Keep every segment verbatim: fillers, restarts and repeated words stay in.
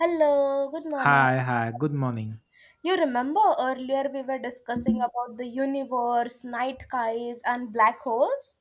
Hello, good morning. Hi, hi, good morning. You remember earlier we were discussing about the universe, night skies, and black holes?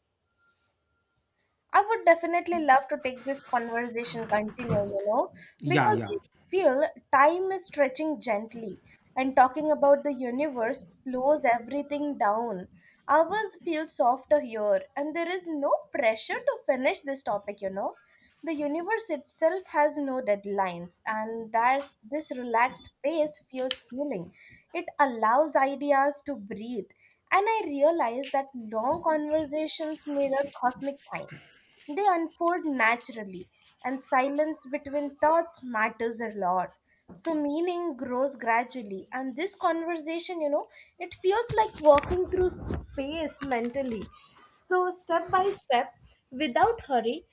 I would definitely love to take this conversation continue, you know, Yeah, because yeah, I feel time is stretching gently and talking about the universe slows everything down. Ours feel softer here and there is no pressure to finish this topic, you know. The universe itself has no deadlines and that's this relaxed pace feels healing. It allows ideas to breathe and I realized that long conversations mirror cosmic times. They unfold naturally, and silence between thoughts matters a lot. So, meaning grows gradually. And this conversation, you know, it feels like walking through space mentally. So, step by step, without hurry,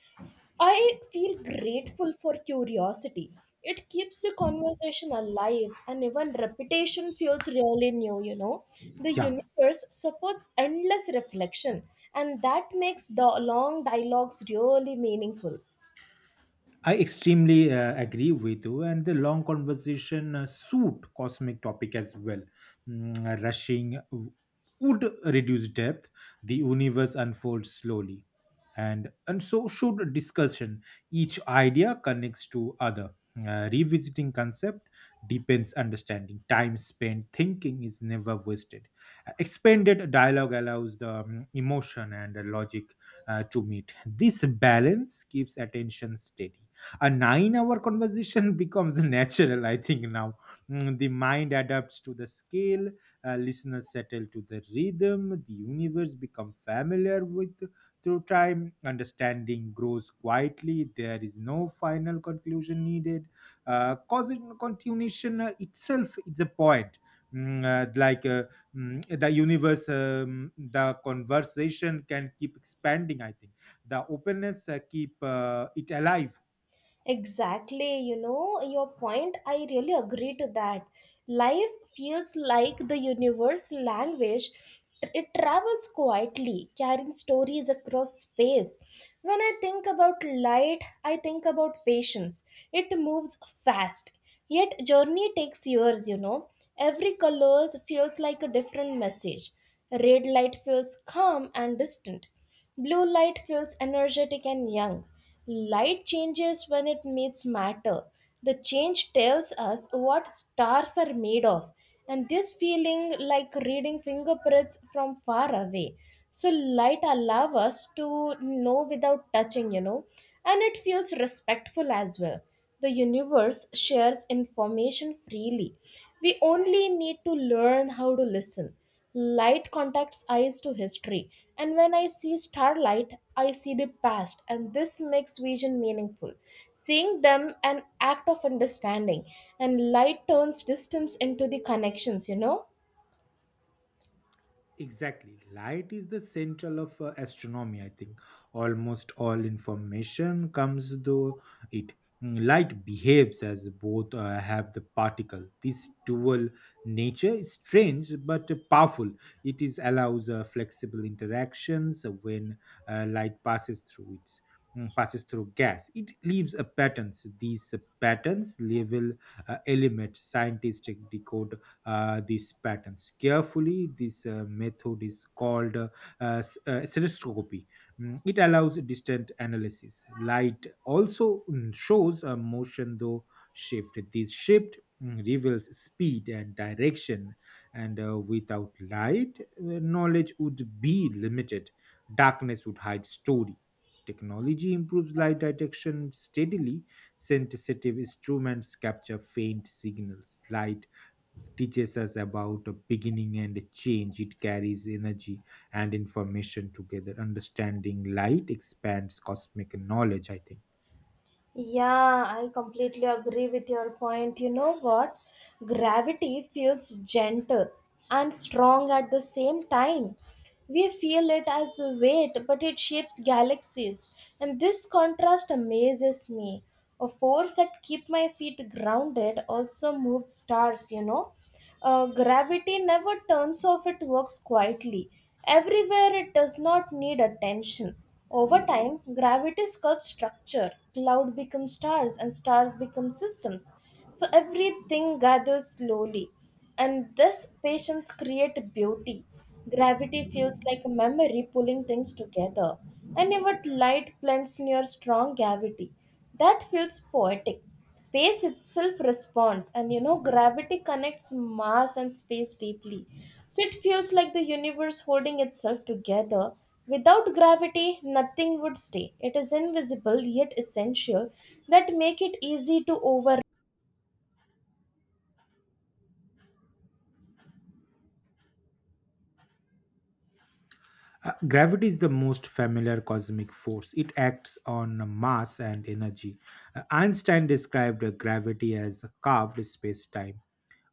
I feel grateful for curiosity. It keeps the conversation alive, and even repetition feels really new, you know. The yeah. universe supports endless reflection, and that makes the long dialogues really meaningful. I extremely uh, agree with you, and the long conversation uh, suit cosmic topic as well. Mm, uh, rushing w- would reduce depth. The universe unfolds slowly, and and so should discussion. Each idea connects to other. Uh, revisiting concept deepens understanding. Time spent thinking is never wasted. Uh, expanded dialogue allows the um, emotion and the logic uh, to meet. This balance keeps attention steady. A nine hour conversation becomes natural, I think now. Mm, the mind adapts to the scale. Uh, listeners settle to the rhythm, the universe become familiar with. Through time understanding grows quietly, there is no final conclusion needed, uh, cause continuation uh, itself is a point. Mm, uh, like uh, mm, the universe um, the conversation can keep expanding, I think. The openness uh, keep uh, it alive. Exactly, you know, your point, I really agree to that. Life feels like the universe language. It travels quietly, carrying stories across space. When I think about light, I think about patience. It moves fast. Yet journey takes years, you know. Every color feels like a different message. Red light feels calm and distant. Blue light feels energetic and young. Light changes when it meets matter. The change tells us what stars are made of, and this feeling like reading fingerprints from far away. So, light allows us to know without touching, you know, and it feels respectful as well. The universe shares information freely. We only need to learn how to listen. Light contacts eyes to history, and when I see starlight, I see the past, and this makes vision meaningful. Seeing them an act of understanding, and light turns distance into the connections, you know? Exactly. Light is the central of uh, astronomy, I think. Almost all information comes through it. Mm, Light behaves as both uh, have the particle. This dual nature is strange but powerful. It is allows uh, flexible interactions when uh, light passes through its mm, passes through gas. It leaves a patterns. These uh, patterns label uh, element scientists decode uh, these patterns carefully. This uh, method is called uh, uh, s- uh, stereoscopy. Mm, It allows distant analysis. Light also mm, shows a motion though shift. This shift mm, reveals speed and direction, and uh, without light, uh, knowledge would be limited. Darkness would hide story. Technology improves light detection steadily. Sensitive instruments capture faint signals. Light teaches us about a beginning and a change. It carries energy and information together. Understanding light expands cosmic knowledge, I think. Yeah, I completely agree with your point. You know what? Gravity feels gentle and strong at the same time. We feel it as a weight, but it shapes galaxies. And this contrast amazes me. A force that keeps my feet grounded also moves stars, you know. Uh, gravity never turns off, it works quietly. Everywhere it does not need attention. Over time, gravity sculpts structure. Cloud becomes stars, and stars become systems. So everything gathers slowly. And this patience creates beauty. Gravity feels like a memory pulling things together. And even light blends near strong gravity. That feels poetic. Space itself responds, and you know, gravity connects mass and space deeply. So it feels like the universe holding itself together. Without gravity, nothing would stay. It is invisible yet essential that make it easy to overlook. Uh, gravity is the most familiar cosmic force. It acts on mass and energy. Uh, Einstein described uh, gravity as a carved space time.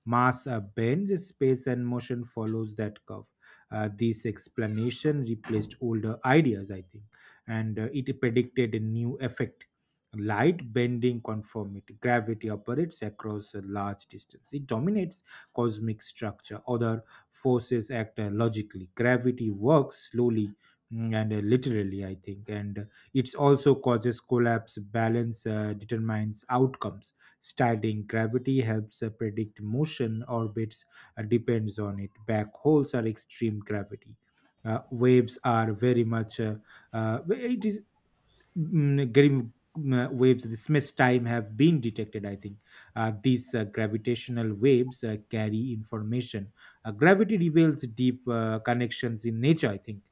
Mass uh, bends, space and motion follows that curve. Uh, this explanation replaced older ideas, I think, and uh, it predicted a new effect. Light bending conformity. Gravity operates across a large distance. It dominates cosmic structure. Other forces act uh, logically. Gravity works slowly, mm, and uh, literally, I think, and uh, it also causes collapse. Balance uh, determines outcomes. Studying gravity helps uh, predict motion. Orbits uh, depends on it. Back holes are extreme gravity. Uh, waves are very much uh, uh, it is mm, grim mm, uh, Waves the smith time have been detected, I think. Uh, these uh, gravitational waves uh, carry information. Uh, gravity reveals deep uh, connections in nature, I think.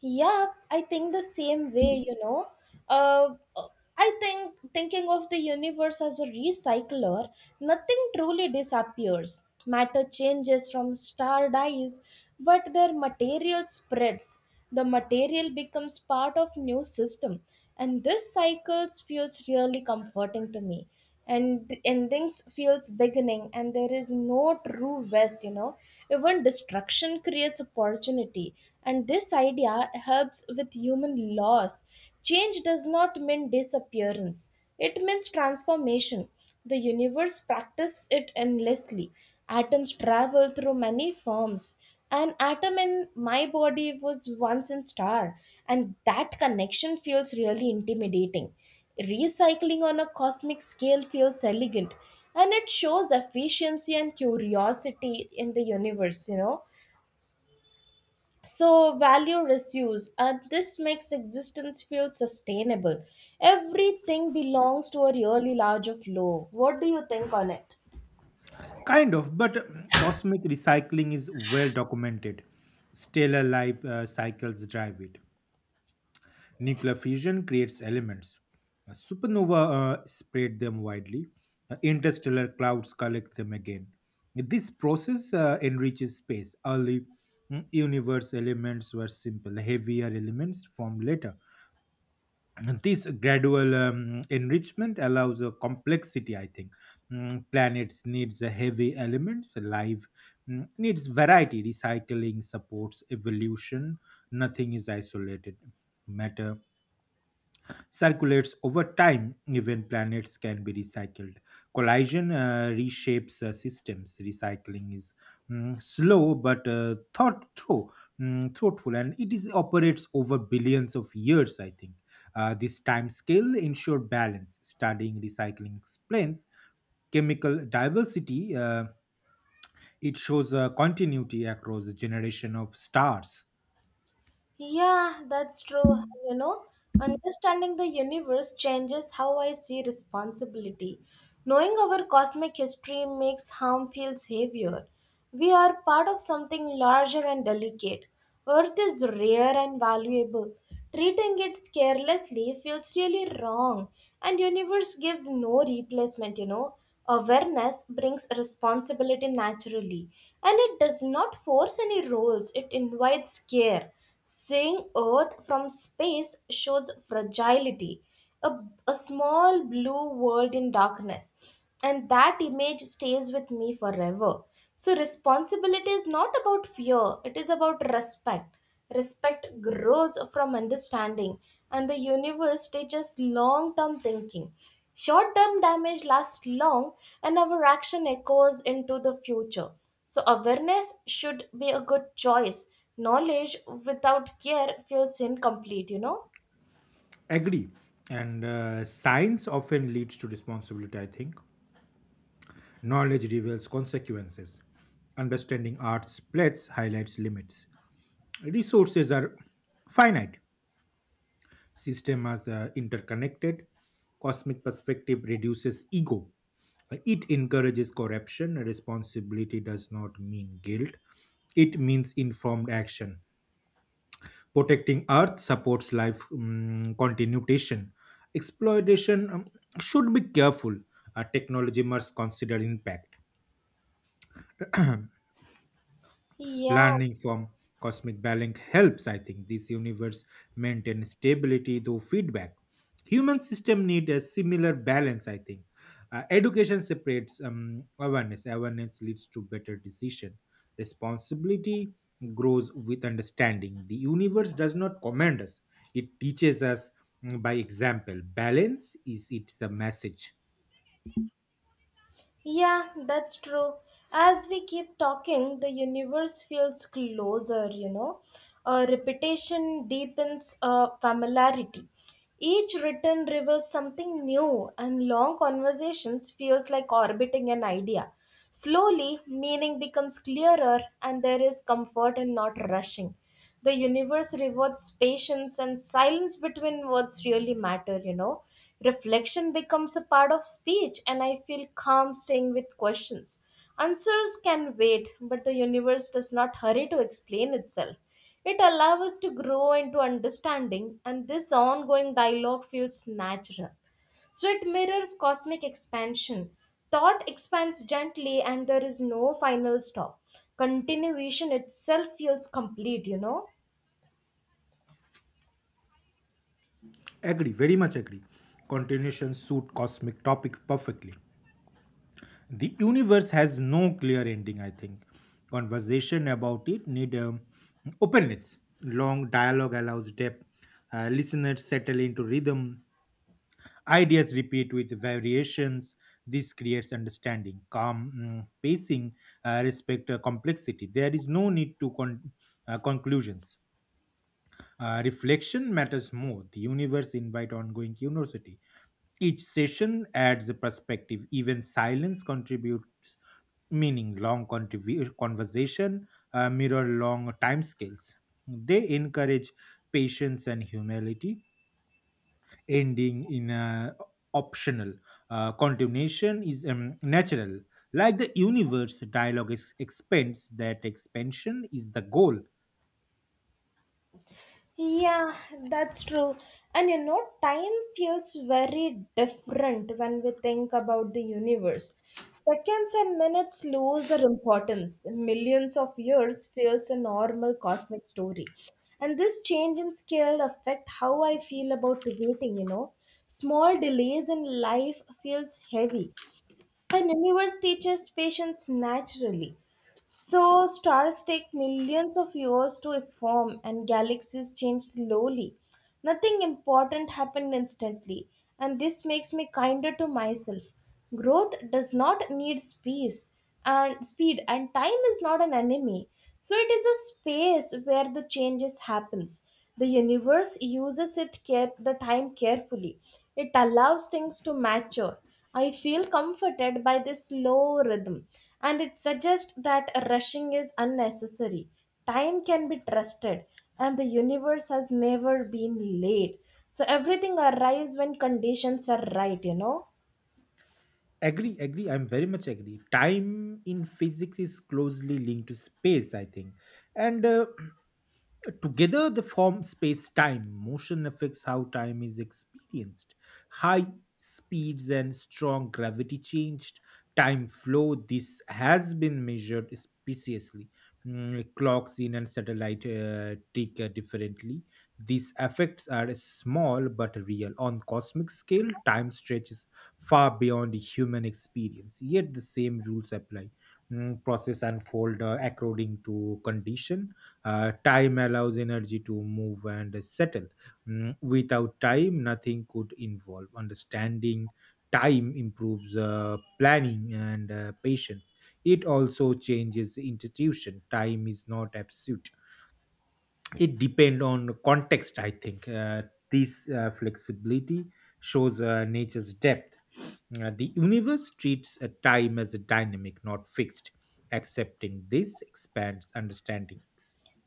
Yeah, I think the same way, you know. Uh, I think thinking of the universe as a recycler, nothing truly disappears. Matter changes from star dies, but their material spreads. The material becomes part of new system, and this cycle feels really comforting to me and the endings feels beginning and there is no true rest you know even destruction creates opportunity and this idea helps with human loss change does not mean disappearance, it means transformation. The universe practices it endlessly. Atoms travel through many forms. An atom in my body was once in star, and that connection feels really intimidating. Recycling on a cosmic scale feels elegant and it shows efficiency and curiosity in the universe, you know. So, value reduces, and this makes existence feel sustainable. Everything belongs to a really large of flow. What do you think on it? Kind of, but um, cosmic recycling is well documented. Stellar life uh, cycles drive it. Nuclear fission creates elements. A supernova uh, spread them widely. Uh, Interstellar clouds collect them again. This process uh, enriches space. Early mm, universe elements were simple. Heavier elements formed later. This gradual um, enrichment allows a complexity, I think. Mm, planets needs a heavy elements. Life mm, needs variety. Recycling supports evolution. Nothing is isolated. Matter circulates over time. Even planets can be recycled. Collision uh, reshapes uh, systems. Recycling is mm, slow but uh, thought through mm, thoughtful, and it is operates over billions of years, I think. Uh, this time scale ensure balance. Studying recycling explains chemical diversity. Uh, it shows uh, continuity across the generation of stars. Yeah, that's true. You know, understanding the universe changes how I see responsibility. Knowing our cosmic history makes harm feel heavier. We are part of something larger and delicate. Earth is rare and valuable. Treating it carelessly feels really wrong and universe gives no replacement you know awareness brings responsibility naturally, and it does not force any roles, it invites care. Seeing earth from space shows fragility, a, a small blue world in darkness, and that image stays with me forever. So responsibility is not about fear, it is about respect. Respect grows from understanding, and the universe teaches long term thinking. Short term damage lasts long, and our action echoes into the future. So, awareness should be a good choice. Knowledge without care feels incomplete, you know? Agree, and uh, science often leads to responsibility, I think. Knowledge reveals consequences. Understanding art splits, highlights limits. Resources are finite. Systems are uh, interconnected. Cosmic perspective reduces ego. It encourages corruption. Responsibility does not mean guilt. It means informed action. Protecting Earth supports life um, continuation. Exploitation um, should be careful. Uh, technology must consider impact. Yeah, Learning from cosmic balance helps, I think. This universe maintain stability through feedback. Human system need a similar balance, I think. Uh, education separates um, awareness. Awareness leads to better decision. Responsibility grows with understanding. The universe does not command us; it teaches us mm, by example. Balance is its the message. Yeah, that's true. As we keep talking, the universe feels closer, you know. Uh, repetition deepens uh, familiarity. Each written reveals something new, and long conversations feels like orbiting an idea. Slowly, meaning becomes clearer, and there is comfort in not rushing. The universe rewards patience and silence between words really matter you know reflection becomes a part of speech, and I feel calm staying with questions. Answers can wait, but the universe does not hurry to explain itself. It allows us to grow into understanding, and this ongoing dialogue feels natural, so it mirrors cosmic expansion. Thought expands gently, and there is no final stop. Continuation itself feels complete, you know? Agree, very much agree. Continuation suit cosmic topic perfectly. The universe has no clear ending, I think. Conversation about it need um, openness. Long dialogue allows depth. Uh, listeners settle into rhythm. Ideas repeat with variations. This creates understanding, calm mm, pacing, uh, respect uh, complexity. There is no need to con- uh, conclusions. Uh, reflection matters more. The universe invite ongoing curiosity. Each session adds a perspective. Even silence contributes meaning. Long contribu- conversation uh, mirror long time scales. They encourage patience and humility. Ending in a optional uh, continuation is um, natural. Like the universe, dialogue is, expands. That expansion is the goal. Yeah, that's true. And you know, time feels very different when we think about the universe. Seconds and minutes lose their importance. Millions of years feels a normal cosmic story. And this change in scale affect how I feel about waiting, you know. Small delays in life feels heavy. The universe teaches patience naturally. So stars take millions of years to form and galaxies change slowly. Nothing important happened instantly, and this makes me kinder to myself. Growth does not need speed, and speed and time is not an enemy, so it is a space where the changes happens. The universe uses it care the time carefully, it allows things to mature. I feel comforted by this slow rhythm, and it suggests that rushing is unnecessary. Time can be trusted, and the universe has never been late, so everything arrives when conditions are right you know Agree, agree. I'm very much agree. Time in physics is closely linked to space, I think. And uh, together, they form space time. Motion affects how time is experienced. High speeds and strong gravity changed time flow. This has been measured precisely. Mm, Clocks in and satellite uh, tick uh, differently. These effects are small but real. On cosmic scale, time stretches far beyond the human experience. Yet the same rules apply. Mm, process unfold uh, according to condition. Uh, time allows energy to move and settle. Mm, without time nothing could involve understanding. Time improves uh, planning and uh, patience. It also changes institution. Time is not absolute, it depends on context, I think. Uh, this uh, flexibility shows uh, nature's depth. Uh, the universe treats a time as a dynamic not fixed. Accepting this expands understandings.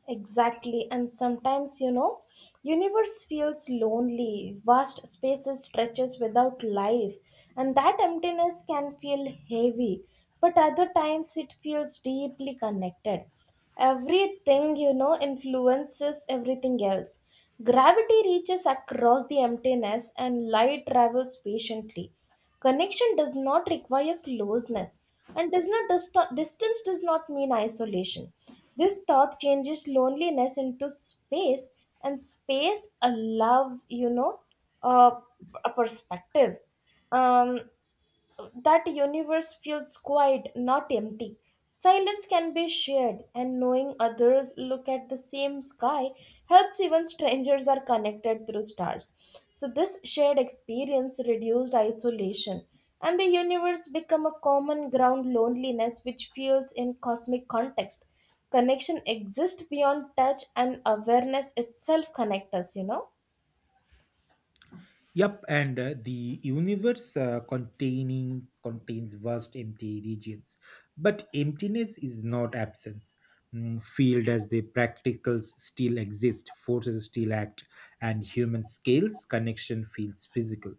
Exactly, and sometimes you know, universe feels lonely. Vast spaces stretches without life, and that emptiness can feel heavy. But other times it feels deeply connected. Everything you know influences everything else. Gravity reaches across the emptiness, and light travels patiently. Connection does not require closeness, and does not dist- distance does not mean isolation. This thought changes loneliness into space, and space allows you know a a perspective. Um, that universe feels quiet, not empty. Silence can be shared, and knowing others look at the same sky helps. Even strangers are connected through stars. So, this shared experience reduced isolation, and the universe become a common ground loneliness which feels in cosmic context. Connection exists beyond touch, and awareness itself connects us, you know. Yep, and uh, the universe uh, containing contains vast empty regions, but emptiness is not absence. Mm, field as the practicals still exist, forces still act, and human scales connection feels physical.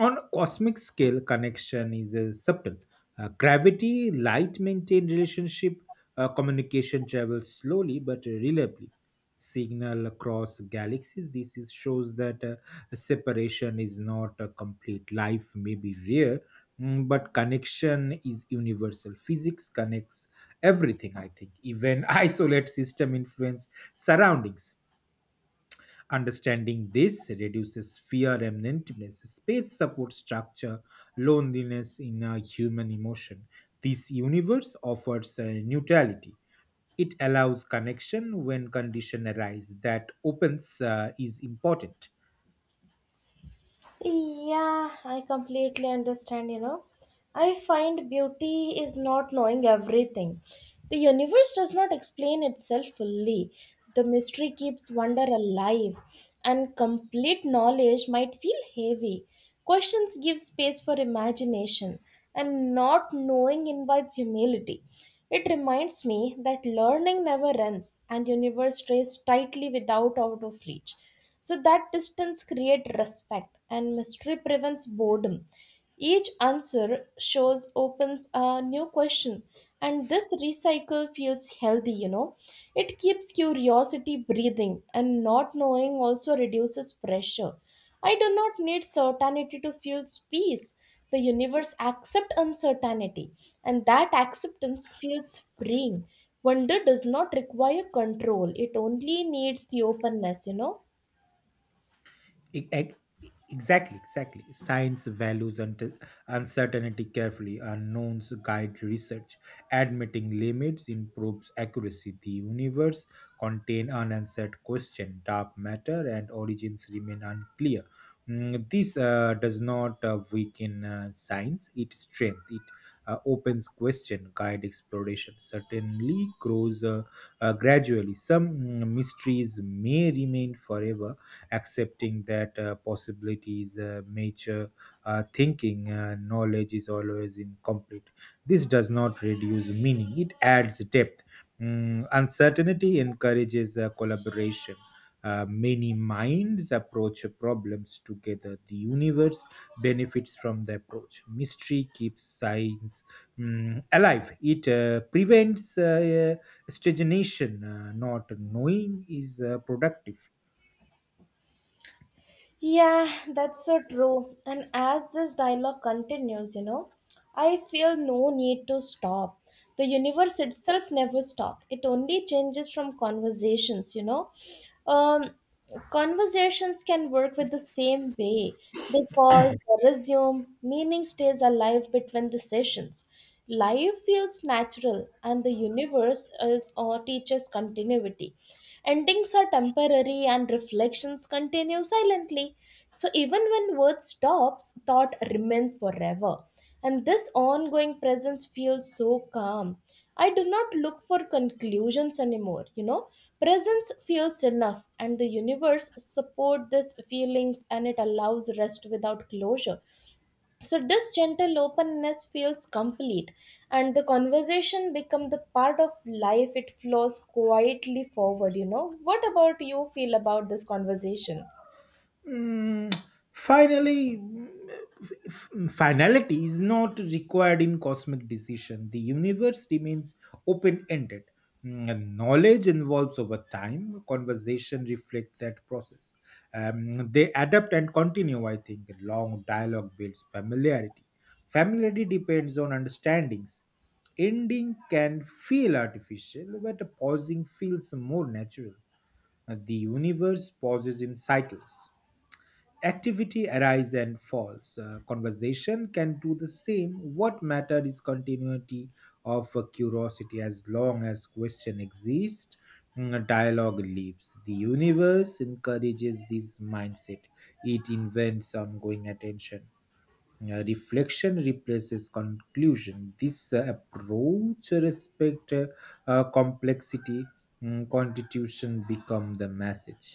On cosmic scale, connection is uh, subtle. Uh, gravity, light maintain relationship, uh, communication travels slowly but reliably. Signal across galaxies. This is, shows that uh, separation is not a complete. Life may be rare, mm, but connection is universal. Physics connects everything, I think. Even isolate system influence surroundings. Understanding this reduces fear and emptiness. Space supports structure, loneliness in a human emotion. This universe offers a neutrality. It allows connection when condition arise. That opens uh, is important. Yeah, I completely understand, you know. I find beauty is not knowing everything. The universe does not explain itself fully. The mystery keeps wonder alive, and complete knowledge might feel heavy. Questions give space for imagination, and not knowing invites humility. It reminds me that learning never ends, and universe stays tightly without out of reach. So that distance creates respect and mystery prevents boredom. Each answer shows opens a new question, and this recycle feels healthy, you know. It keeps curiosity breathing, and not knowing also reduces pressure. I do not need certainty to feel peace. The universe accepts uncertainty, and that acceptance feels freeing. Wonder does not require control, it only needs the openness, you know. E- e- Exactly, exactly. Science values unt- uncertainty carefully. Unknowns guide research. Admitting limits improves accuracy. The universe contain unanswered question. Dark matter and origins remain unclear. Mm, this uh, does not uh, weaken uh, science. It strength. It uh, opens question. Guide exploration. Certainly grows uh, uh, gradually. Some mm, mysteries may remain forever. Accepting that uh, possibilities uh, mature uh, thinking uh, knowledge is always incomplete. This does not reduce meaning, it adds depth. Mm, uncertainty encourages uh, collaboration. Uh, many minds approach problems together. The universe benefits from the approach. Mystery keeps science mm, alive. It uh, prevents uh, stagnation. Uh, not knowing is uh, productive. Yeah, that's so true. And as this dialogue continues, you know, I feel no need to stop. The universe itself never stops. It only changes from conversations, you know. Um, Conversations can work with the same way. They pause, they resume, meaning stays alive between the sessions. Life feels natural, and the universe is or teaches continuity. Endings are temporary and reflections continue silently. So even when words stops, thought remains forever. And this ongoing presence feels so calm. I do not look for conclusions anymore, you know. Presence feels enough, and the universe support these feelings, and it allows rest without closure, so this gentle openness feels complete, and the conversation become the part of life. It flows quietly forward. You know what about you feel about this conversation? Mm, finally, mm, f- finality is not required in cosmic decision. The universe remains open ended. Knowledge evolves over time. Conversation reflect that process. Um, they adapt and continue. I think long dialogue builds familiarity. Familiarity depends on understandings. Ending can feel artificial, but pausing feels more natural. Uh, The universe pauses in cycles. Activity arises and falls. Uh, conversation can do the same. What matter is continuity of uh, curiosity. As long as question exists, mm, dialogue lives. The universe encourages this mindset. It invents ongoing attention. Uh, reflection replaces conclusion. This uh, approach respect uh, uh, complexity. Mm, constitution become the message.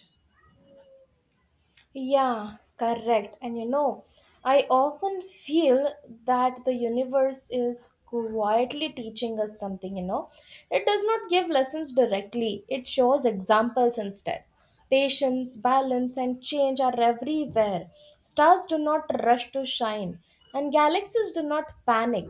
Yeah, correct. And you know, I often feel that the universe is quietly teaching us something, you know. It does not give lessons directly, it shows examples instead. Patience, balance, and change are everywhere. Stars do not rush to shine, and galaxies do not panic.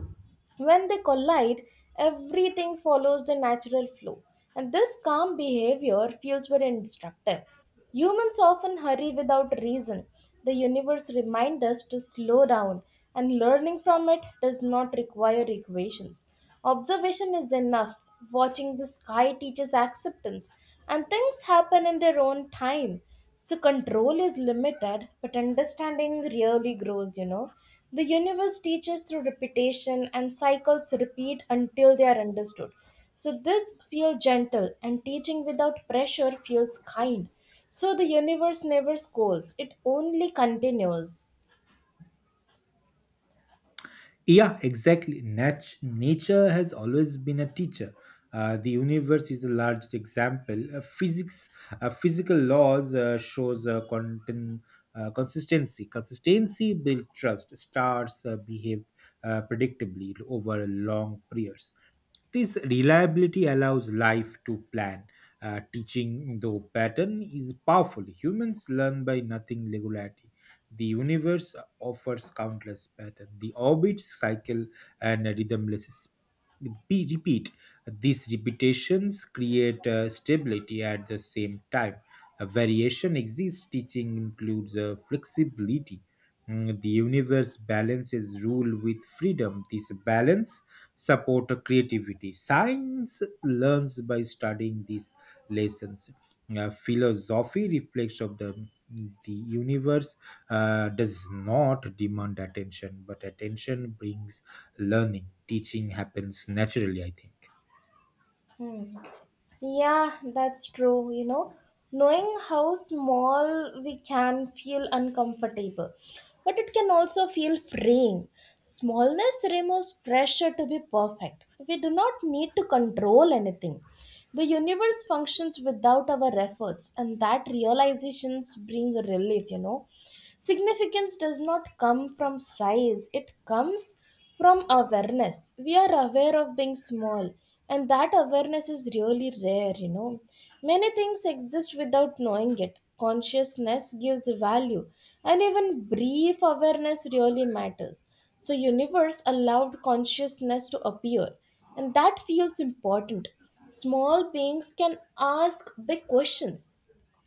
When they collide, everything follows the natural flow. And this calm behavior feels very instructive. Humans often hurry without reason. The universe reminds us to slow down, and learning from it does not require equations. Observation is enough. Watching the sky teaches acceptance, and things happen in their own time. So, control is limited, but understanding really grows, you know. The universe teaches through repetition, and cycles repeat until they are understood. So, this feels gentle, and teaching without pressure feels kind. So the universe never scolds, it only continues. Yeah, exactly. Nat- nature has always been a teacher. Uh, the universe is the largest example. Uh, physics, uh, physical laws uh, shows uh, content, uh, consistency. Consistency builds trust. Stars uh, behave uh, predictably over long periods. This reliability allows life to plan. Uh, teaching, though pattern, is powerful. Humans learn by nothing regularity. The universe offers countless patterns. The orbit cycle and rhythmless sp- repeat. repeat. These repetitions create uh, stability at the same time. A variation exists. Teaching includes uh, flexibility. Mm, The universe balances rule with freedom. This balance support creativity. Science learns by studying these lessons. Uh, philosophy reflects of the the universe uh, does not demand attention, but attention brings learning. Teaching happens naturally, I think. Hmm. Yeah, that's true, you know. Knowing how small we can feel uncomfortable, but it can also feel freeing. Smallness removes pressure to be perfect. We do not need to control anything. The universe functions without our efforts, and that realizations bring relief, you know. Significance does not come from size, it comes from awareness. We are aware of being small, and that awareness is really rare, you know. Many things exist without knowing it. Consciousness gives value, and even brief awareness really matters. So, universe allowed consciousness to appear, and that feels important. Small beings can ask big questions.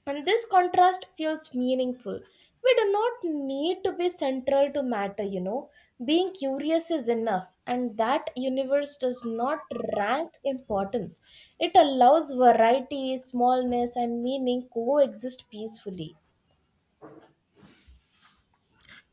And this contrast feels meaningful. We do not need to be central to matter, you know. Being curious is enough, and that universe does not rank importance. It allows variety, smallness, and meaning coexist peacefully.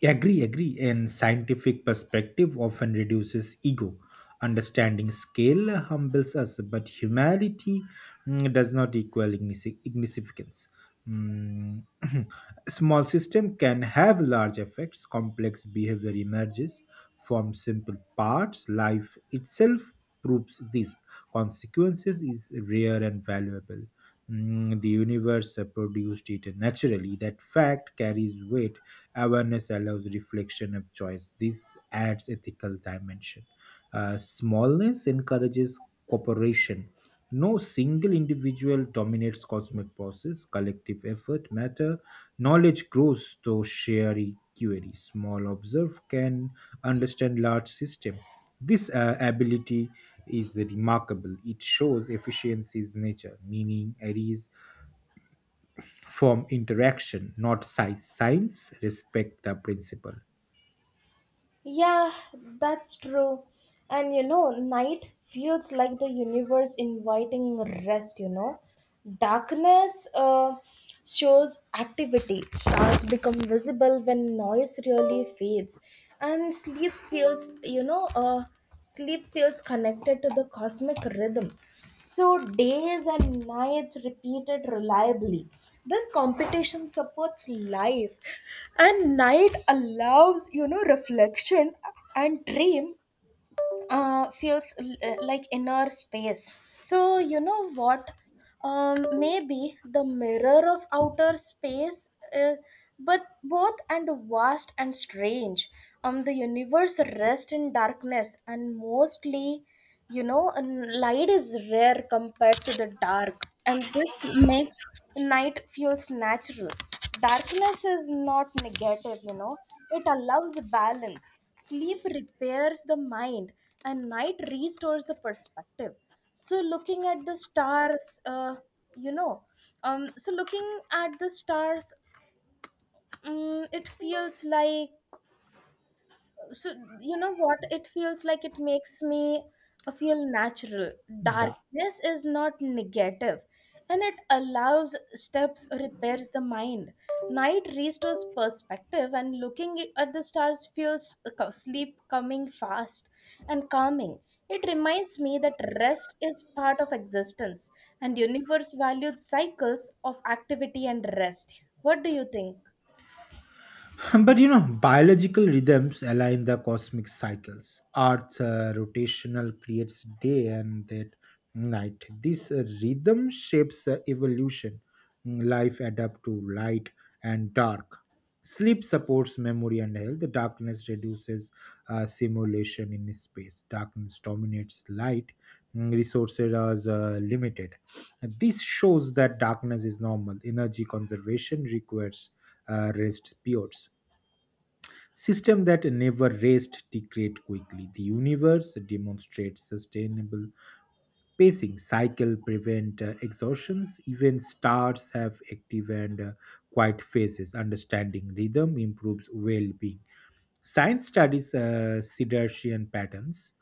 Agree, agree. And scientific perspective often reduces ego. Understanding scale humbles us, but humanity mm, does not equal ignis- ignificance. Mm, small system can have large effects. Complex behavior emerges from simple parts. Life itself proves this. Consequences is rare and valuable. Mm, the universe uh, produced it naturally. That fact carries weight. Awareness allows reflection of choice. This adds ethical dimension. Uh, smallness encourages cooperation. No single individual dominates cosmic process. Collective effort matter. Knowledge grows through sharing query. Small observe can understand large system. This uh, ability is remarkable. It shows efficiency's nature, meaning arise from interaction, not size. Science respect the principle. Yeah, that's true. And you know, night feels like the universe inviting rest, you know. Darkness uh, shows activity. Stars become visible when noise really fades. And sleep feels, you know, uh, sleep feels connected to the cosmic rhythm. So, days and nights repeated reliably. This competition supports life, and night allows, you know, reflection and dream uh, feels l- uh, like inner space. So, you know what? Um, maybe the mirror of outer space, uh, but both and vast and strange. Um, the universe rests in darkness, and mostly, you know, n- light is rare compared to the dark, and this makes night feels natural. Darkness is not negative, you know, it allows balance. Sleep repairs the mind and night restores the perspective. So, looking at the stars, uh, you know, um, so looking at the stars, um, it feels like, so, you know what, it feels like it makes me uh, feel natural. Yeah. Darkness is not negative, and it allows steps repairs the mind, night restores perspective, and looking at the stars feels uh, co- sleep coming fast and calming. It reminds me that rest is part of existence, and universe valued cycles of activity and rest. What do you think? But you know, biological rhythms align the cosmic cycles. Earth's uh, rotational creates day and that night. This uh, rhythm shapes uh, evolution. Mm, Life adapts to light and dark. Sleep supports memory and health. The darkness reduces uh, simulation in space. Darkness dominates light. Mm, Resources are uh, limited. This shows that darkness is normal. Energy conservation requires uh, rest periods. System that never rest degrade quickly. The universe demonstrates sustainable pacing. Cycle prevent uh, exhaustions. Even stars have active and uh, quiet phases. Understanding rhythm improves well-being. Science studies uh, siddhartian patterns.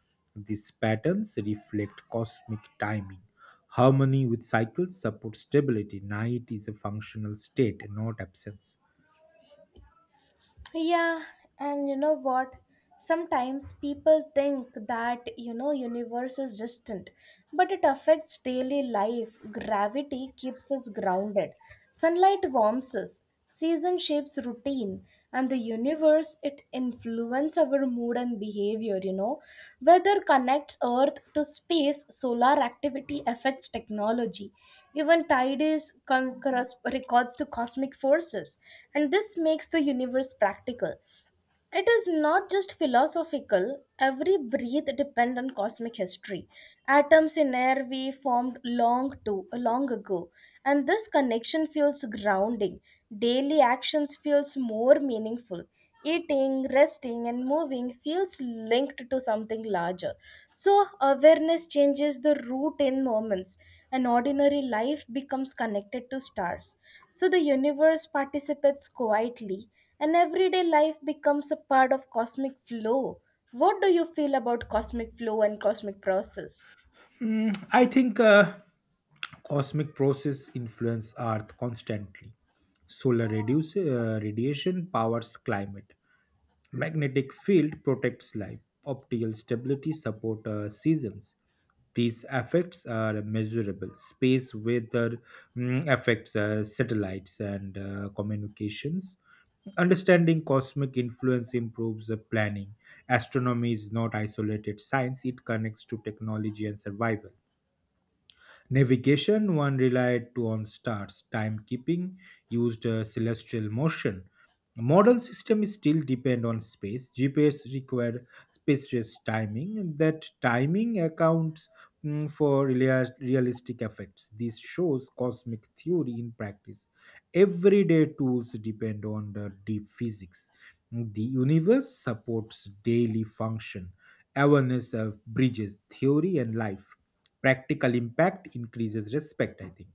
These patterns reflect cosmic timing. Harmony with cycles supports stability. Night is a functional state, not absence. Yeah, and you know what? Sometimes people think that, you know, universe is distant, but it affects daily life. Gravity keeps us grounded. Sunlight warms us. Season shapes routine, and the universe universe, it influences our mood and behavior, you know. Weather connects Earth to space, solar activity affects technology. Even tide is con- corres- records to cosmic forces. And this makes the universe practical. It is not just philosophical. Every breath depends on cosmic history. Atoms in air we formed long to long ago, and this connection feels grounding. Daily actions feels more meaningful. Eating, resting, and moving feels linked to something larger. So awareness changes the route in moments. An ordinary life becomes connected to stars. So the universe participates quietly and everyday life becomes a part of cosmic flow. What do you feel about cosmic flow and cosmic process? Mm, I think uh, cosmic processes influence Earth constantly. Solar reduce, uh, radiation powers climate. Magnetic field protects life. Optical stability support uh, seasons. These effects are measurable. Space weather, mm, affects uh, satellites and uh, communications. Understanding cosmic influence improves uh, planning. Astronomy is not isolated science, it connects to technology and survival. Navigation, one relied to on stars. Timekeeping used uh, celestial motion. Modern systems still depend on space. G P S required spacious timing, and that timing accounts, mm, for relia- realistic effects. This shows cosmic theory in practice. Everyday tools depend on the deep physics. The universe supports daily function. Awareness of bridges theory and life. Practical impact increases respect, I think.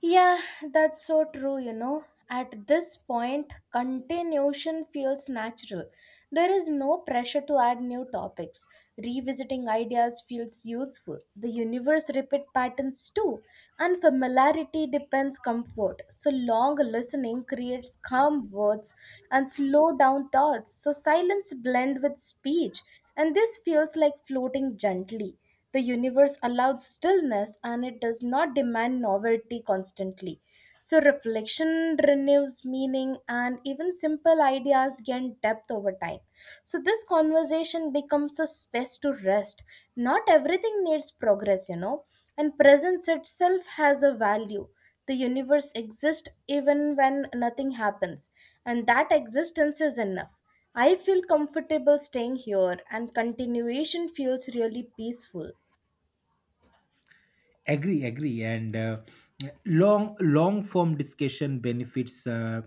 Yeah, that's so true, you know. At this point, continuation feels natural. There is no pressure to add new topics. Revisiting ideas feels useful. The universe repeat patterns too. And familiarity depends comfort. So long listening creates calm words and slow down thoughts. So silence blend with speech. And this feels like floating gently. The universe allows stillness and it does not demand novelty constantly. So, reflection renews meaning, and even simple ideas gain depth over time. So, this conversation becomes a space to rest. Not everything needs progress, you know, and presence itself has a value. The universe exists even when nothing happens, and that existence is enough. I feel comfortable staying here, and continuation feels really peaceful. Agree agree and uh, long long form discussion benefits uh,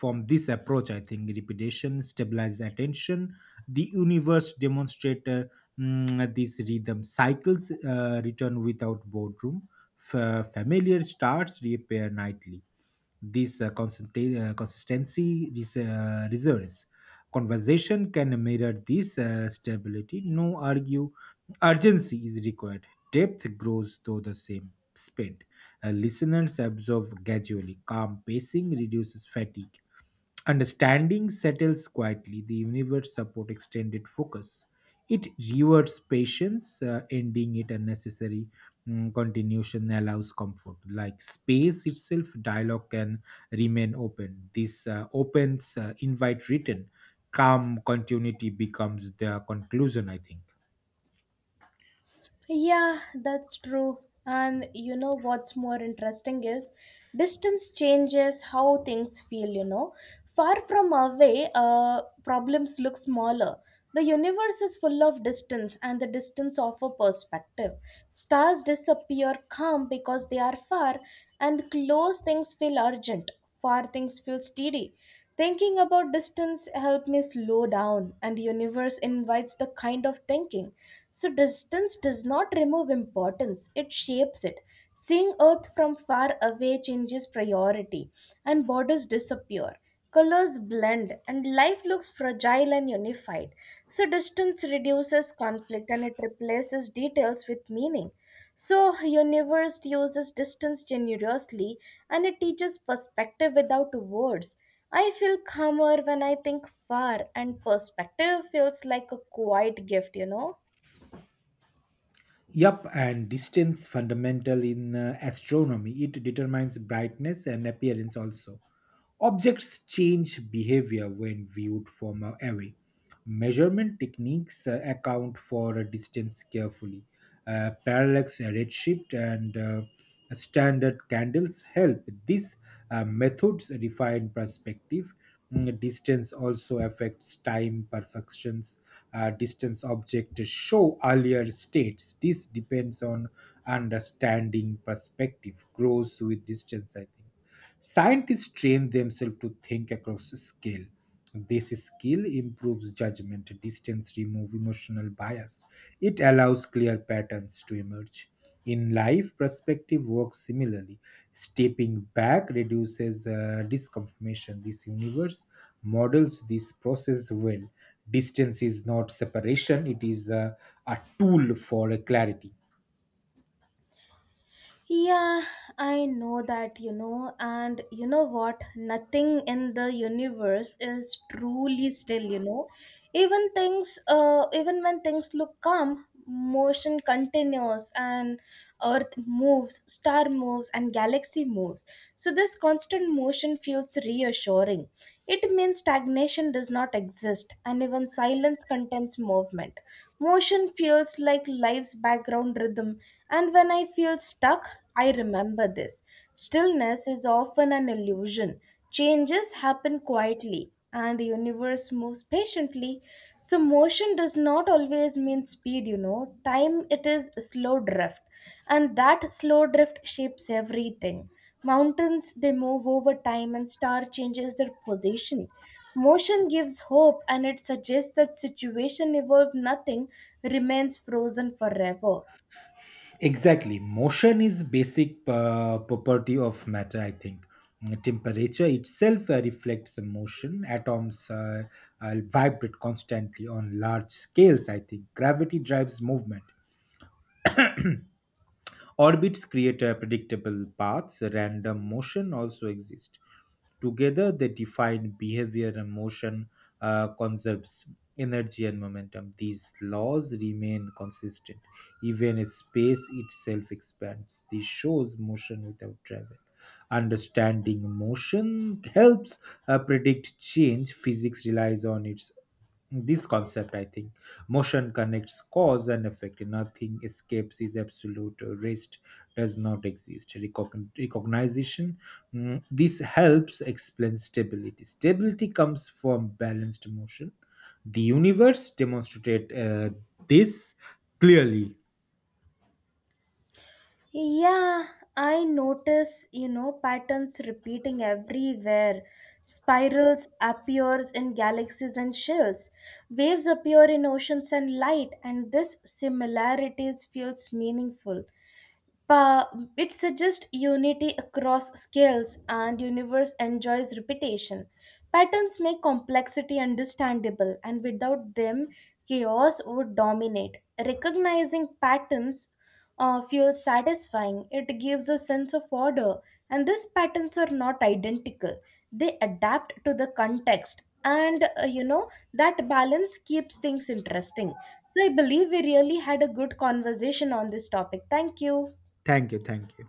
from this approach, I think. Repetition stabilizes attention. The universe demonstrate uh, mm, these rhythm cycles uh, return without boredom. F- familiar starts reappear nightly. This uh, consista- uh, consistency, this uh, reserves. Conversation can mirror this uh, stability. No argue urgency is required. Depth grows though the same spent. Uh, listeners absorb gradually. Calm pacing reduces fatigue. Understanding settles quietly. The universe support extended focus. It rewards patience, uh, ending it unnecessary. Mm, continuation allows comfort. Like space itself, dialogue can remain open. This uh, opens uh, invite written. Calm continuity becomes the conclusion, I think. Yeah, that's true. And you know what's more interesting is distance changes how things feel, you know. Far from away, uh, problems look smaller. The universe is full of distance, and the distance offer perspective. Stars disappear calm because they are far, and close things feel urgent, far things feel steady. Thinking about distance helps me slow down, and universe invites the kind of thinking. So distance does not remove importance; it shapes it. Seeing Earth from far away changes priority, and borders disappear. Colors blend, and life looks fragile and unified. So distance reduces conflict, and it replaces details with meaning. So, universe uses distance generously and it teaches perspective without words. I feel calmer when I think far, and perspective feels like a quiet gift, you know. Yup, and distance fundamental in uh, astronomy. It determines brightness and appearance also. Objects change behavior when viewed from uh, away. Measurement techniques uh, account for uh, distance carefully. Uh, parallax, uh, redshift, and uh, standard candles help. These uh, methods refine perspective. Mm, distance also affects time perfections. Uh, distance objects show earlier states. This depends on understanding. Perspective grows with distance, I think. Scientists train themselves to think across scale. This skill improves judgment, distance, removes emotional bias. It allows clear patterns to emerge. In life, perspective works similarly. Stepping back reduces uh, disconfirmation. This universe models this process well. Distance is not separation, it is uh, a tool for clarity. Yeah, I know that, you know, and you know what? Nothing in the universe is truly still, you know. Even things, uh, even when things look calm, motion continues and earth moves, star moves, and galaxy moves. So this constant motion feels reassuring. It means stagnation does not exist, and even silence contains movement. Motion feels like life's background rhythm, and when I feel stuck, I remember this. Stillness is often an illusion. Changes happen quietly, and the universe moves patiently. So, motion does not always mean speed, you know. Time, it is slow drift, and that slow drift shapes everything. Mountains, they move over time and star changes their position. Motion gives hope and it suggests that situation evolved nothing remains frozen forever. Exactly. Motion is basic uh, property of matter, I think. Mm, Temperature itself uh, reflects the motion. Atoms uh, uh, vibrate constantly on large scales, I think. Gravity drives movement. Orbits create a predictable paths, random motion also exists. Together, they define behavior and motion uh, conserves energy and momentum. These laws remain consistent even as space itself expands. This shows motion without travel. Understanding motion helps uh, predict change. Physics relies on its this concept, I think. Motion connects cause and effect. Nothing escapes, is absolute rest does not exist. Recogn- recognition, mm, this helps explain stability. Stability comes from balanced motion. The universe demonstrate uh, this clearly. Yeah, I notice, you know, patterns repeating everywhere. Spirals appears in galaxies and shells. Waves appear in oceans and light, and this similarities feels meaningful. But it suggests unity across scales, and universe enjoys repetition. Patterns make complexity understandable, and without them, chaos would dominate. Recognizing patterns uh, feels satisfying. It gives a sense of order, and these patterns are not identical. They adapt to the context, and uh, you know that balance keeps things interesting. So I believe we really had a good conversation on this topic. Thank you. Thank you thank you